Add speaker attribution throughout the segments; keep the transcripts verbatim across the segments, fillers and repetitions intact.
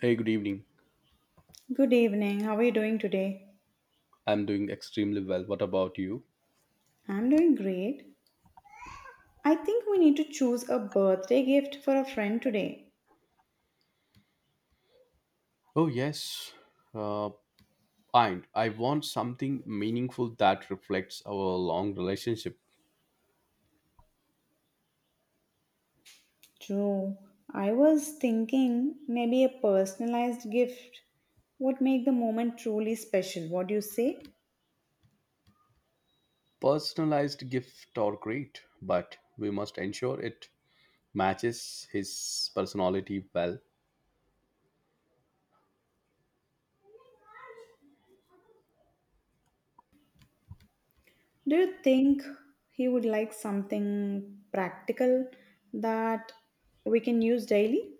Speaker 1: Hey, good evening.
Speaker 2: Good evening. How are you doing today?
Speaker 1: I'm doing extremely well. What about you?
Speaker 2: I'm doing great. I think we need to choose a birthday gift for a friend today.
Speaker 1: Oh, yes. Uh, and I want something meaningful that reflects our long relationship.
Speaker 2: True. I was thinking maybe a personalized gift would make the moment truly special. What do you say?
Speaker 1: Personalized gift or great, but we must ensure it matches his personality well.
Speaker 2: Do you think he would like something practical that we can use daily?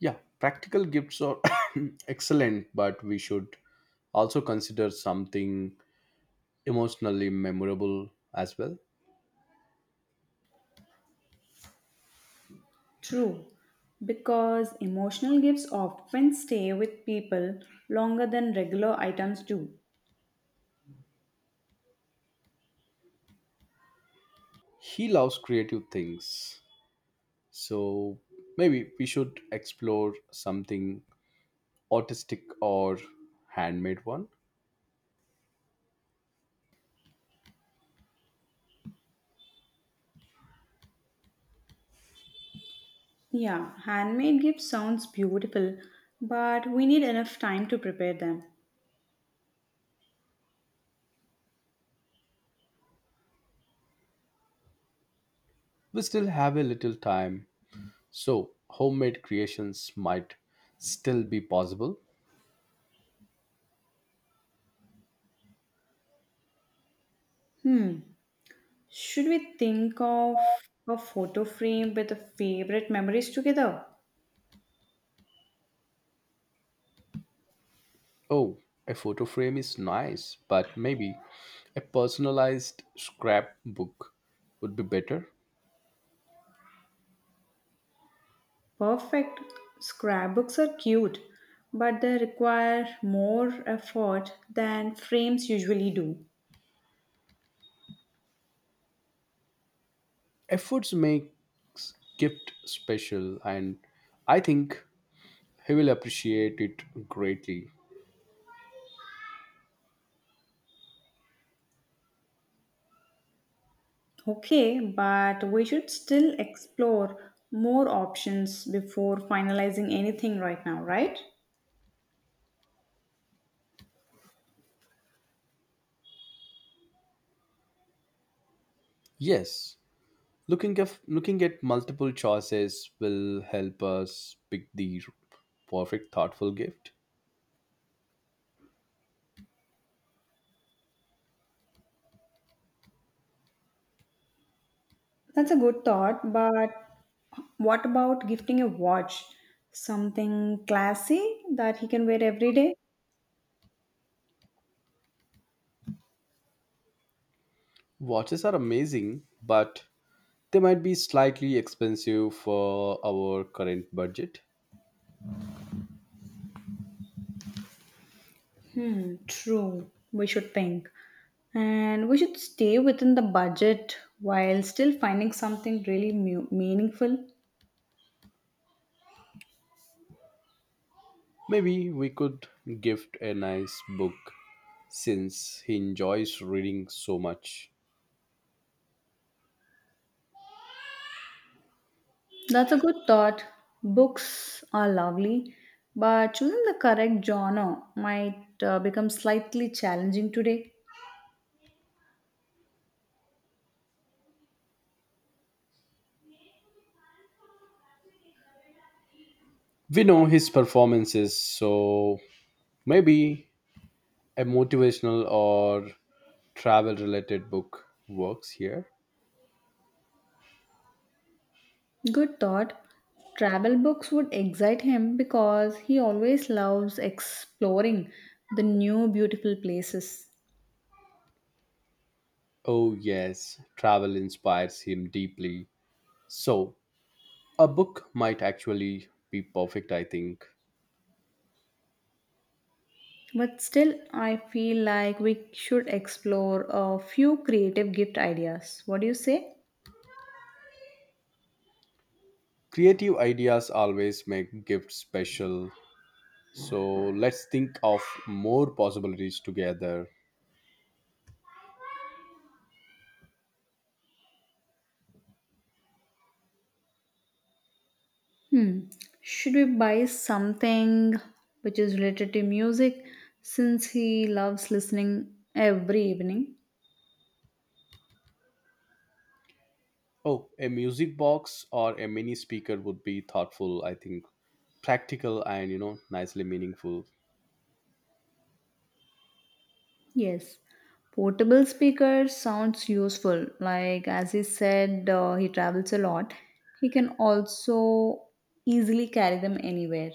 Speaker 1: Yeah, practical gifts are excellent, but we should also consider something emotionally memorable as well.
Speaker 2: True, because emotional gifts often stay with people longer than regular items do.
Speaker 1: He loves creative things. So maybe we should explore something artistic or handmade one.
Speaker 2: Yeah, handmade gifts sounds beautiful, but we need enough time to prepare them.
Speaker 1: We still have a little time, so homemade creations might still be possible.
Speaker 2: Hmm. Should we think of a photo frame with the favorite memories together?
Speaker 1: Oh, a photo frame is nice, but maybe a personalized scrapbook would be better.
Speaker 2: Perfect. Scrapbooks are cute, but they require more effort than frames usually do.
Speaker 1: Efforts makes gift special and I think he will appreciate it greatly.
Speaker 2: Okay, but we should still explore more options before finalizing anything right now, right?
Speaker 1: Yes, Looking at looking at multiple choices will help us pick the perfect thoughtful gift.
Speaker 2: That's a good thought, but what about gifting a watch? Something classy that he can wear every day?
Speaker 1: Watches are amazing, but they might be slightly expensive for our current budget.
Speaker 2: Hmm, true. We should think. And we should stay within the budget while still finding something really mu- meaningful.
Speaker 1: Maybe we could gift a nice book since he enjoys reading so much.
Speaker 2: That's a good thought. Books are lovely, but choosing the correct genre might uh, become slightly challenging today.
Speaker 1: We know his performances, so maybe a motivational or travel related book works here.
Speaker 2: Good thought. Travel books would excite him because he always loves exploring the new beautiful places.
Speaker 1: Oh, yes, travel inspires him deeply. So, a book might actually be perfect, I think.
Speaker 2: But still, I feel like we should explore a few creative gift ideas. What do you say?
Speaker 1: Creative ideas always make gifts special. So, let's think of more possibilities together.
Speaker 2: Hmm. Should we buy something which is related to music since he loves listening every evening?
Speaker 1: Oh, a music box or a mini speaker would be thoughtful, I think. Practical and, you know, nicely meaningful.
Speaker 2: Yes, portable speaker sounds useful. Like as he said, uh, he travels a lot. He can also easily carry them anywhere.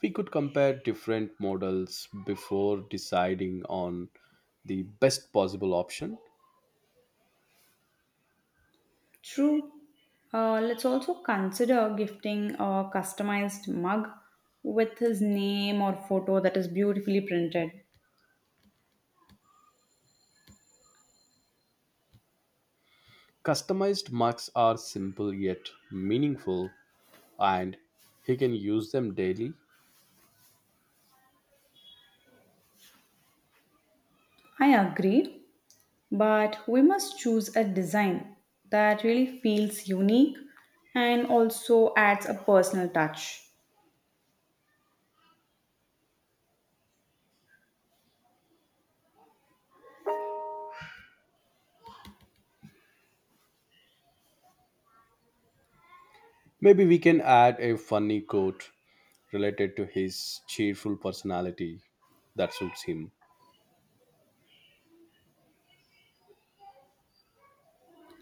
Speaker 1: We could compare different models before deciding on the best possible option.
Speaker 2: True. Uh, let's also consider gifting a customized mug with his name or photo that is beautifully printed.
Speaker 1: Customized mugs are simple yet meaningful, and he can use them daily.
Speaker 2: I agree, but we must choose a design that really feels unique and also adds a personal touch.
Speaker 1: Maybe we can add a funny quote related to his cheerful personality that suits him.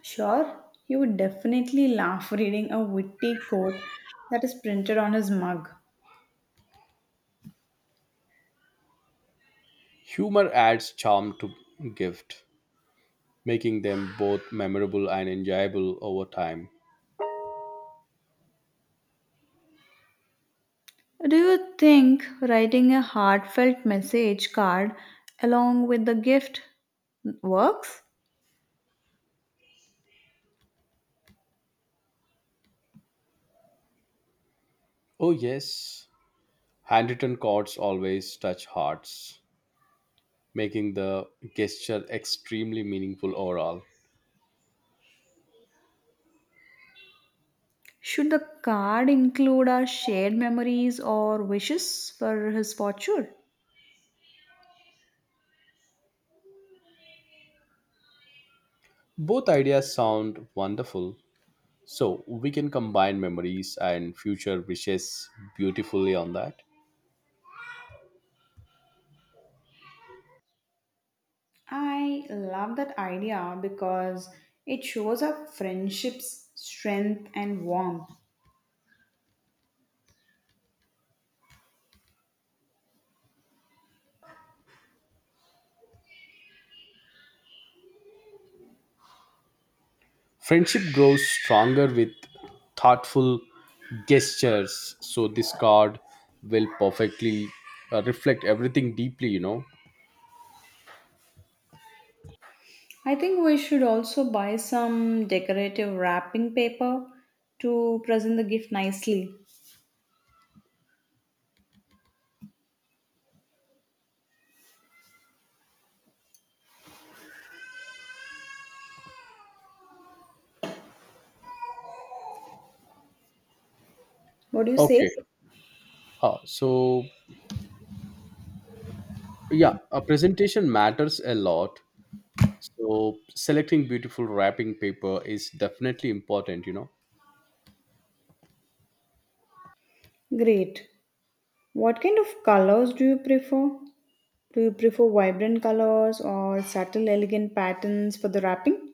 Speaker 2: Sure, he would definitely laugh reading a witty quote that is printed on his mug.
Speaker 1: Humor adds charm to gift, making them both memorable and enjoyable over time.
Speaker 2: Do you think writing a heartfelt message card along with the gift works?
Speaker 1: Oh yes, handwritten cards always touch hearts, making the gesture extremely meaningful overall.
Speaker 2: Should the card include our shared memories or wishes for his fortune?
Speaker 1: Both ideas sound wonderful. So we can combine memories and future wishes beautifully on that.
Speaker 2: I love that idea because it shows our friendship's strength and warmth.
Speaker 1: Friendship grows stronger with thoughtful gestures. So this card will perfectly uh, reflect everything deeply, you know.
Speaker 2: I think we should also buy some decorative wrapping paper to present the gift nicely. What do you say?
Speaker 1: Okay. Uh, so yeah, a presentation matters a lot. So selecting beautiful wrapping paper is definitely important, you know.
Speaker 2: Great. What kind of colors do you prefer? Do you prefer vibrant colors or subtle, elegant patterns for the wrapping?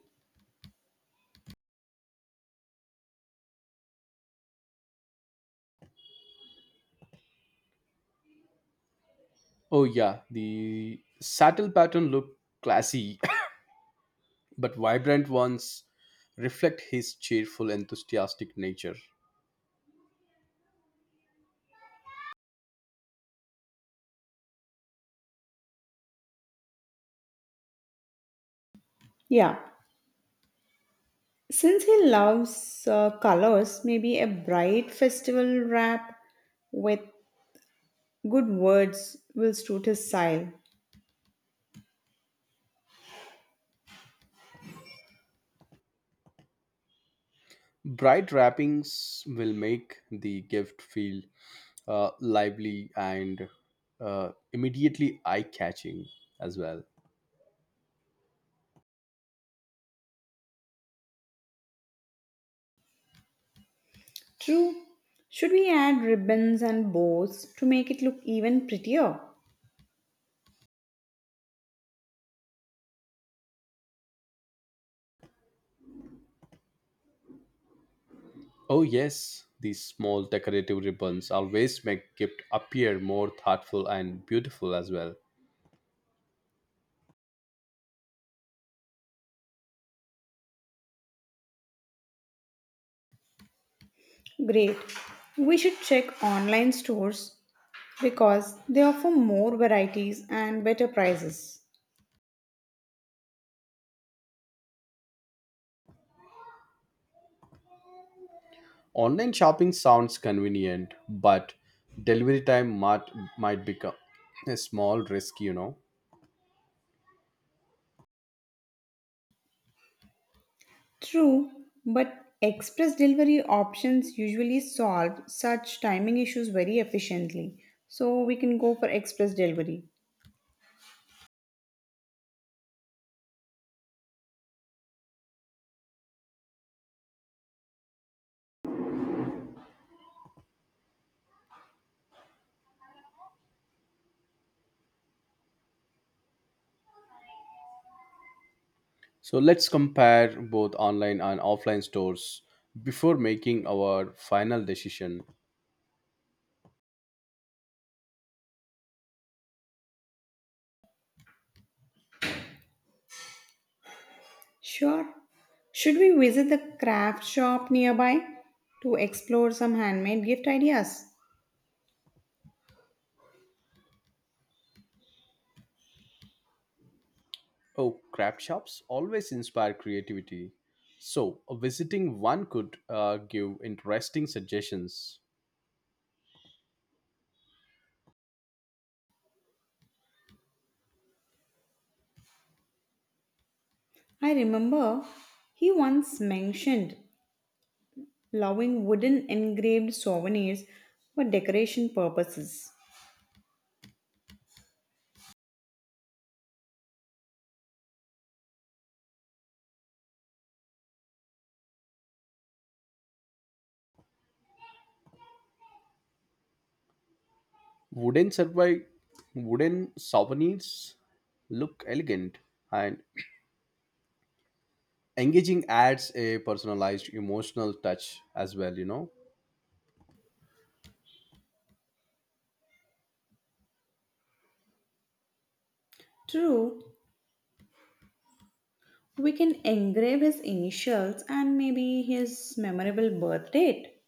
Speaker 1: Oh yeah, the saddle pattern look classy but vibrant ones reflect his cheerful, enthusiastic nature.
Speaker 2: Yeah. Since he loves uh, colors, maybe a bright festival wrap with good words will suit his style.
Speaker 1: Bright wrappings will make the gift feel uh, lively and uh, immediately eye catching as well.
Speaker 2: True. Should we add ribbons and bows to make it look even prettier?
Speaker 1: Oh, yes, these small decorative ribbons always make gift appear more thoughtful and beautiful as well.
Speaker 2: Great. We should check online stores because they offer more varieties and better prices.
Speaker 1: Online shopping sounds convenient, but delivery time might, might become a small risk, you know.
Speaker 2: True, but express delivery options usually solve such timing issues very efficiently. So we can go for express delivery.
Speaker 1: So let's compare both online and offline stores before making our final decision.
Speaker 2: Sure. Should we visit the craft shop nearby to explore some handmade gift ideas?
Speaker 1: Oh, crab shops always inspire creativity. So, visiting one could uh, give interesting suggestions.
Speaker 2: I remember he once mentioned allowing wooden engraved souvenirs for decoration purposes.
Speaker 1: Wooden survey, wooden souvenirs look elegant and engaging adds a personalized emotional touch as well, you know.
Speaker 2: True, we can engrave his initials and maybe his memorable birth date.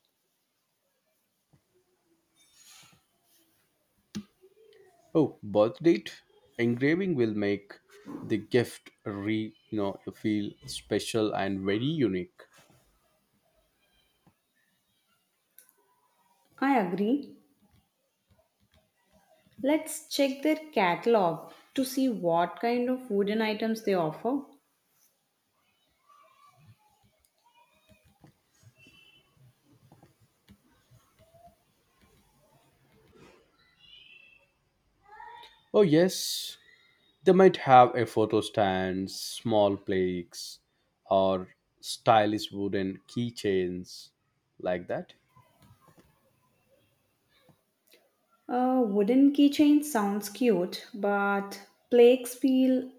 Speaker 1: Oh, birth date engraving will make the gift re you know feel special and very unique.
Speaker 2: I agree. Let's check their catalog to see what kind of wooden items they offer.
Speaker 1: Oh yes, they might have a photo stand, small plaques, or stylish wooden keychains like that.
Speaker 2: A wooden keychain sounds cute, but plaques feel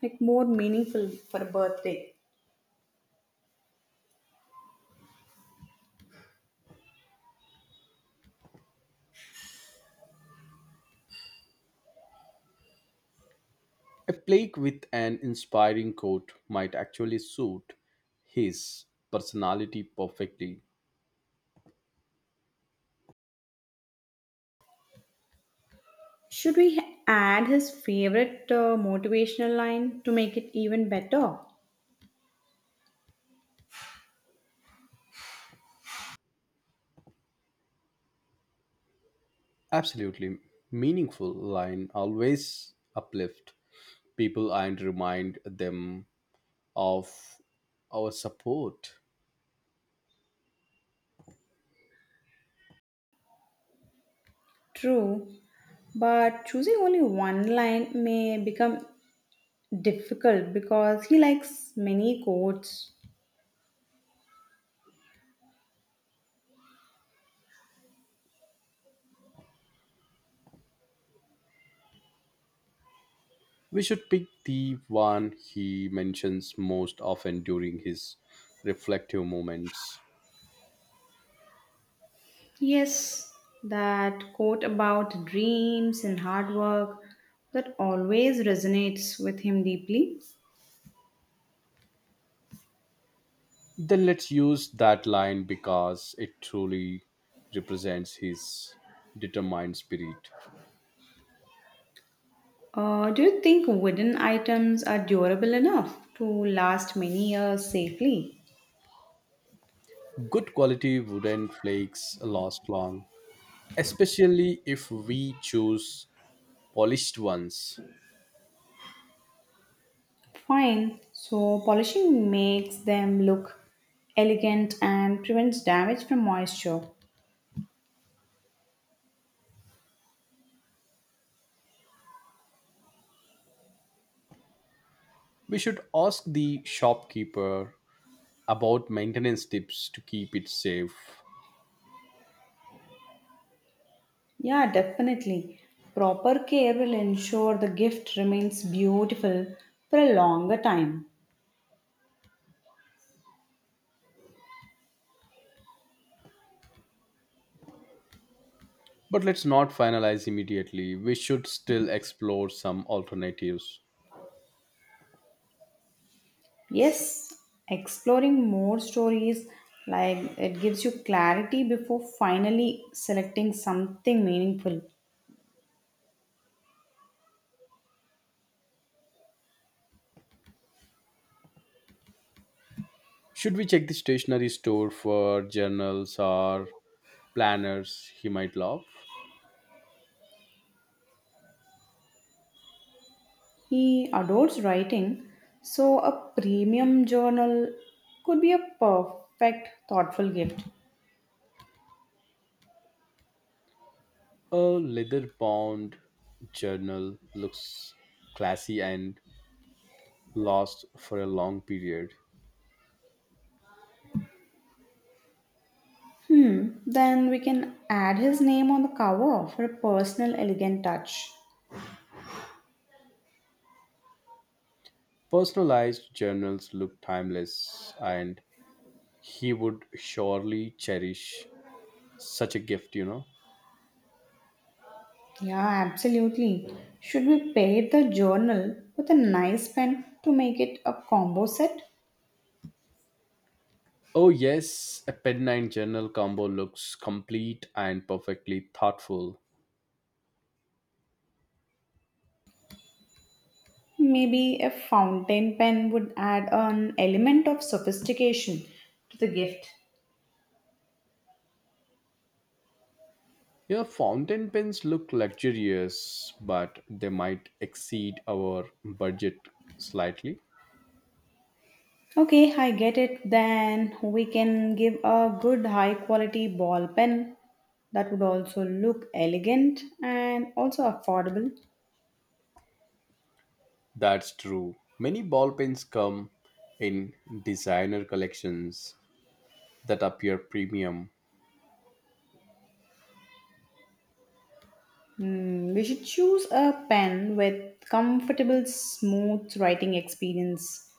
Speaker 2: like more meaningful for a birthday.
Speaker 1: A plaque with an inspiring quote might actually suit his personality perfectly.
Speaker 2: Should we add his favorite uh, motivational line to make it even better?
Speaker 1: Absolutely meaningful line always uplift people and remind them of our support.
Speaker 2: True, but choosing only one line may become difficult because he likes many quotes.
Speaker 1: We should pick the one he mentions most often during his reflective moments.
Speaker 2: Yes, that quote about dreams and hard work that always resonates with him deeply.
Speaker 1: Then let's use that line because it truly represents his determined spirit.
Speaker 2: Uh, do you think wooden items are durable enough to last many years safely?
Speaker 1: Good quality wooden flakes last long, especially if we choose polished ones.
Speaker 2: Fine, so polishing makes them look elegant and prevents damage from moisture.
Speaker 1: We should ask the shopkeeper about maintenance tips to keep it safe.
Speaker 2: Yeah, definitely. Proper care will ensure the gift remains beautiful for a longer time.
Speaker 1: But let's not finalize immediately. We should still explore some alternatives.
Speaker 2: Yes, exploring more stories like it gives you clarity before finally selecting something meaningful.
Speaker 1: Should we check the stationery store for journals or planners he might love?
Speaker 2: He adores writing, so a premium journal could be a perfect thoughtful gift.
Speaker 1: A leather bound journal looks classy and lasts for a long period.
Speaker 2: Hmm, then we can add his name on the cover for a personal elegant touch.
Speaker 1: Personalized journals look timeless, and he would surely cherish such a gift, you know.
Speaker 2: Yeah, absolutely. Should we pair the journal with a nice pen to make it a combo set?
Speaker 1: Oh, yes, a penknife journal combo looks complete and perfectly thoughtful.
Speaker 2: Maybe a fountain pen would add an element of sophistication to the gift.
Speaker 1: Your fountain pens look luxurious, but they might exceed our budget slightly.
Speaker 2: Okay, I get it. Then we can give a good high quality ball pen that would also look elegant and also affordable.
Speaker 1: That's true. Many ball pens come in designer collections that appear premium.
Speaker 2: Hmm, we should choose a pen with comfortable, smooth writing experience.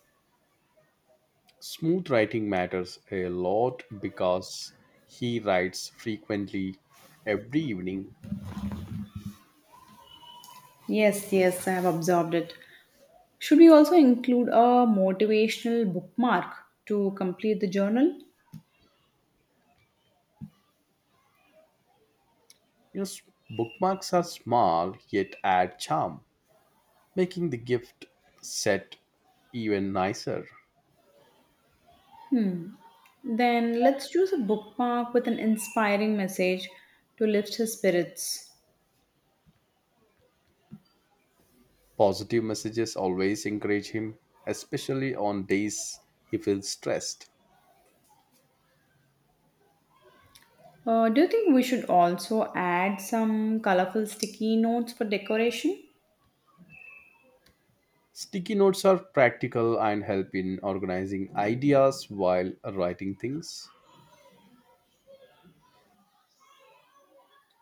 Speaker 1: Smooth writing matters a lot because he writes frequently every evening.
Speaker 2: Yes, yes, I have observed it. Should we also include a motivational bookmark to complete the journal?
Speaker 1: You know, s- Bookmarks are small yet add charm. Making the gift set even nicer.
Speaker 2: Then let's choose a bookmark with an inspiring message to lift his spirits.
Speaker 1: Positive messages always encourage him, especially on days he feels stressed.
Speaker 2: Uh, do you think we should also add some colorful sticky notes for decoration?
Speaker 1: Sticky notes are practical and help in organizing ideas while writing things.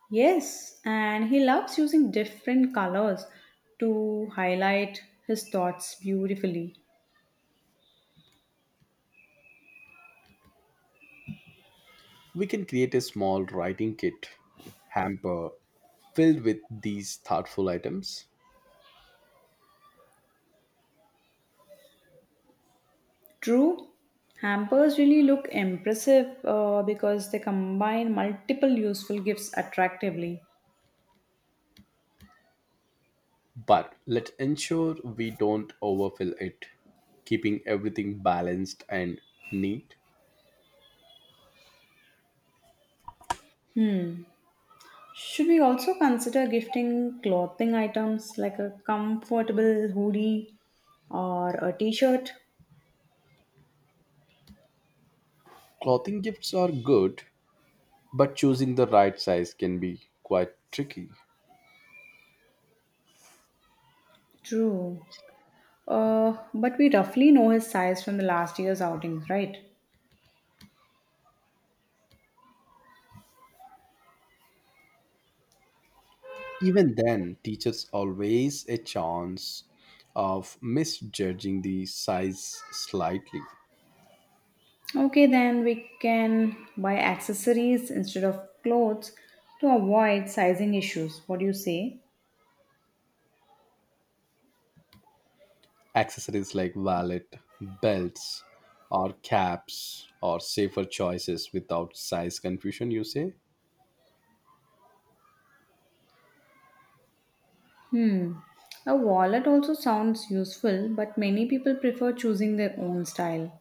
Speaker 2: Yes, and he loves using different colors to highlight his thoughts beautifully.
Speaker 1: We can create a small writing kit hamper filled with these thoughtful items,
Speaker 2: True, hampers really look impressive uh, because they combine multiple useful gifts attractively.
Speaker 1: but let's ensure we don't overfill it, keeping everything balanced and neat.
Speaker 2: Should we also consider gifting clothing items like a comfortable hoodie or a t shirt?
Speaker 1: Clothing gifts are good, but choosing the right size can be quite tricky.
Speaker 2: True. Uh, but we roughly know his size from the last year's outings, right?
Speaker 1: Even then, teachers always a chance of misjudging the size slightly.
Speaker 2: Okay, then we can buy accessories instead of clothes to avoid sizing issues. What do you say?
Speaker 1: Accessories like wallet, belts, or caps or safer choices without size confusion, you say?
Speaker 2: Hmm. A wallet also sounds useful, but many people prefer choosing their own style.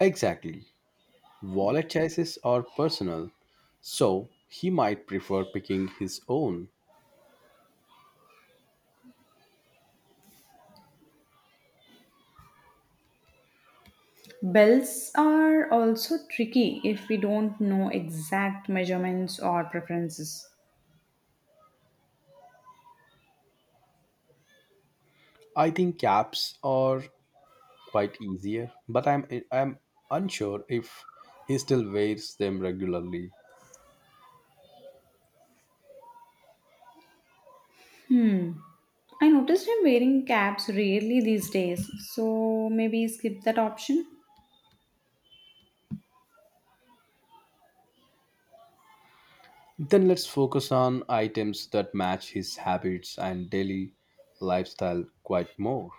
Speaker 1: Exactly. Wallet choices are personal, so he might prefer picking his own.
Speaker 2: Belts are also tricky if we don't know exact measurements or preferences.
Speaker 1: I think caps are quite easier, but I'm I'm unsure if he still wears them regularly.
Speaker 2: I noticed him wearing caps rarely these days, so maybe skip that option.
Speaker 1: Then let's focus on items that match his habits and daily lifestyle quite more.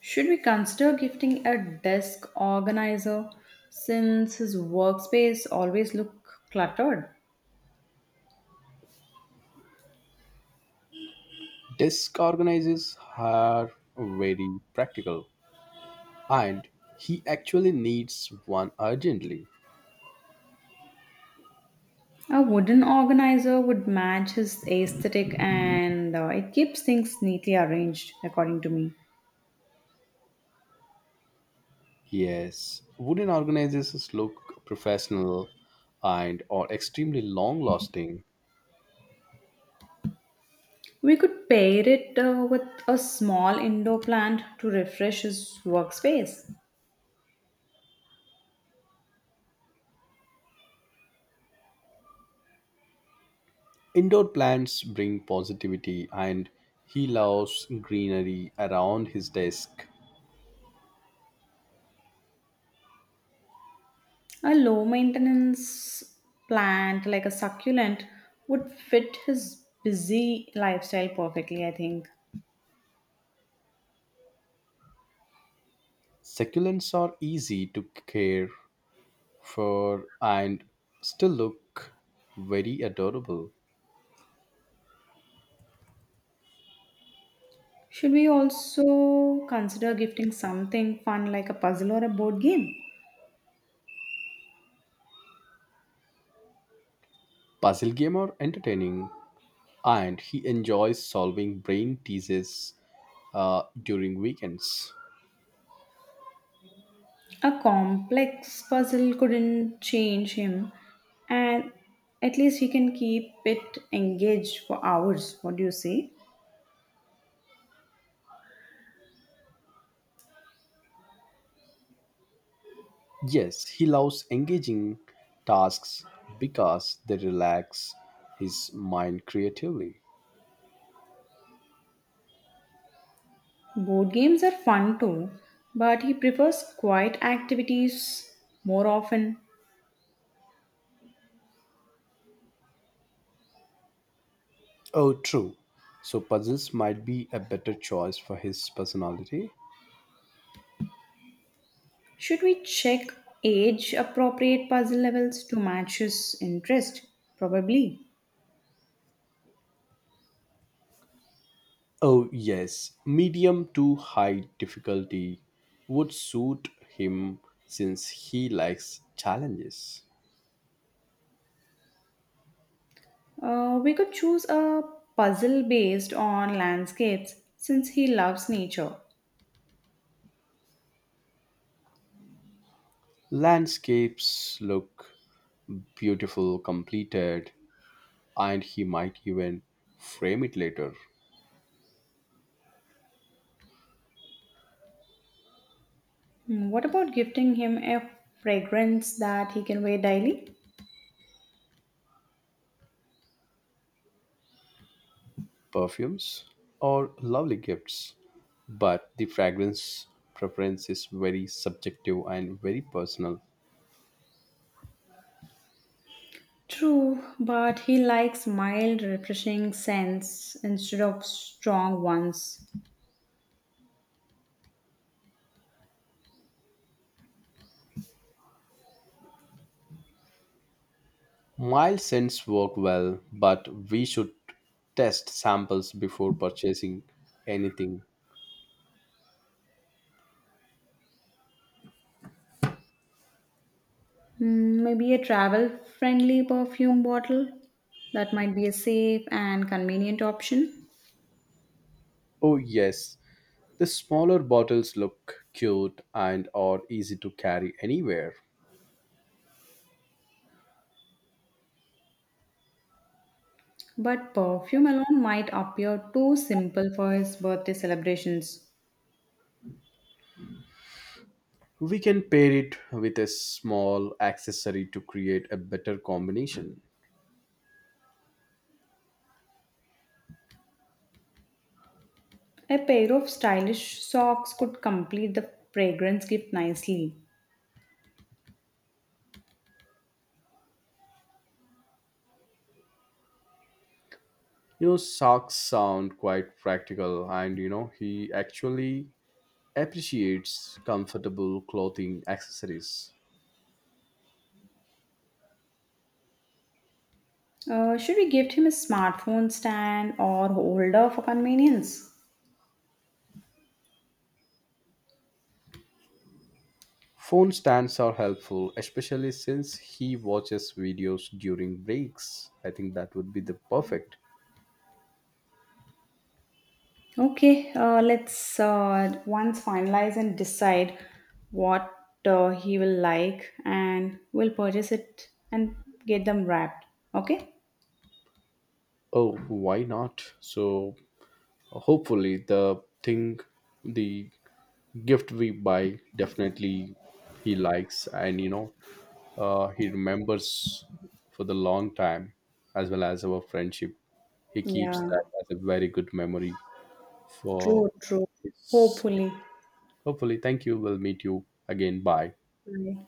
Speaker 2: Should we consider gifting a desk organizer since his workspace always look cluttered?
Speaker 1: Desk organizers are very practical, and he actually needs one urgently.
Speaker 2: A wooden organizer would match his aesthetic and uh, it keeps things neatly arranged, according to me.
Speaker 1: Yes, wooden organizers look professional and are extremely long lasting.
Speaker 2: We could pair it uh, with a small indoor plant to refresh his workspace.
Speaker 1: Indoor plants bring positivity, and he loves greenery around his desk.
Speaker 2: A low maintenance plant like a succulent would fit his busy lifestyle perfectly, I think.
Speaker 1: Succulents are easy to care for and still look very adorable.
Speaker 2: Should we also consider gifting something fun like a puzzle or a board game?
Speaker 1: Puzzle game are entertaining, and he enjoys solving brain teases uh, during weekends.
Speaker 2: A complex puzzle couldn't change him, and at least he can keep it engaged for hours. What do you say?
Speaker 1: Yes, he loves engaging tasks because they relax his mind creatively.
Speaker 2: Board games are fun too, but he prefers quiet activities more often.
Speaker 1: Oh, true. So puzzles might be a better choice for his personality.
Speaker 2: Should we check age appropriate puzzle levels to match his interest? Probably.
Speaker 1: Oh, yes. Medium to high difficulty would suit him since he likes challenges.
Speaker 2: Uh, we could choose a puzzle based on landscapes since he loves nature.
Speaker 1: Landscapes look beautiful, completed, and he might even frame it later.
Speaker 2: Hmm, what about gifting him a fragrance that he can wear daily?
Speaker 1: Perfumes or lovely gifts, but the fragrance preference is very subjective and very personal.
Speaker 2: True, but he likes mild, refreshing scents instead of strong ones.
Speaker 1: Mild scents work well, but we should test samples before purchasing anything.
Speaker 2: Hmm, maybe a travel friendly perfume bottle? That might be a safe and convenient option.
Speaker 1: Oh, yes, the smaller bottles look cute and are easy to carry anywhere.
Speaker 2: But perfume alone might appear too simple for his birthday celebrations.
Speaker 1: We can pair it with a small accessory to create a better combination.
Speaker 2: A pair of stylish socks could complete the fragrance gift nicely.
Speaker 1: You know, socks sound quite practical, and you know, he actually appreciates comfortable clothing accessories.
Speaker 2: Uh, should we gift him a smartphone stand or holder for convenience?
Speaker 1: Phone stands are helpful, especially since he watches videos during breaks. I think that would be the perfect.
Speaker 2: Okay, uh, let's uh, once finalize and decide what uh, he will like, and we'll purchase it and get them wrapped. Okay?
Speaker 1: Oh, why not? So hopefully the thing the gift we buy definitely he likes and you know uh, he remembers for the long time as well as our friendship. He keeps
Speaker 2: Yeah,
Speaker 1: that as a very good memory for
Speaker 2: true, true.
Speaker 1: his
Speaker 2: Hopefully.
Speaker 1: hopefully thank you. We'll meet you again. Bye.
Speaker 2: Bye.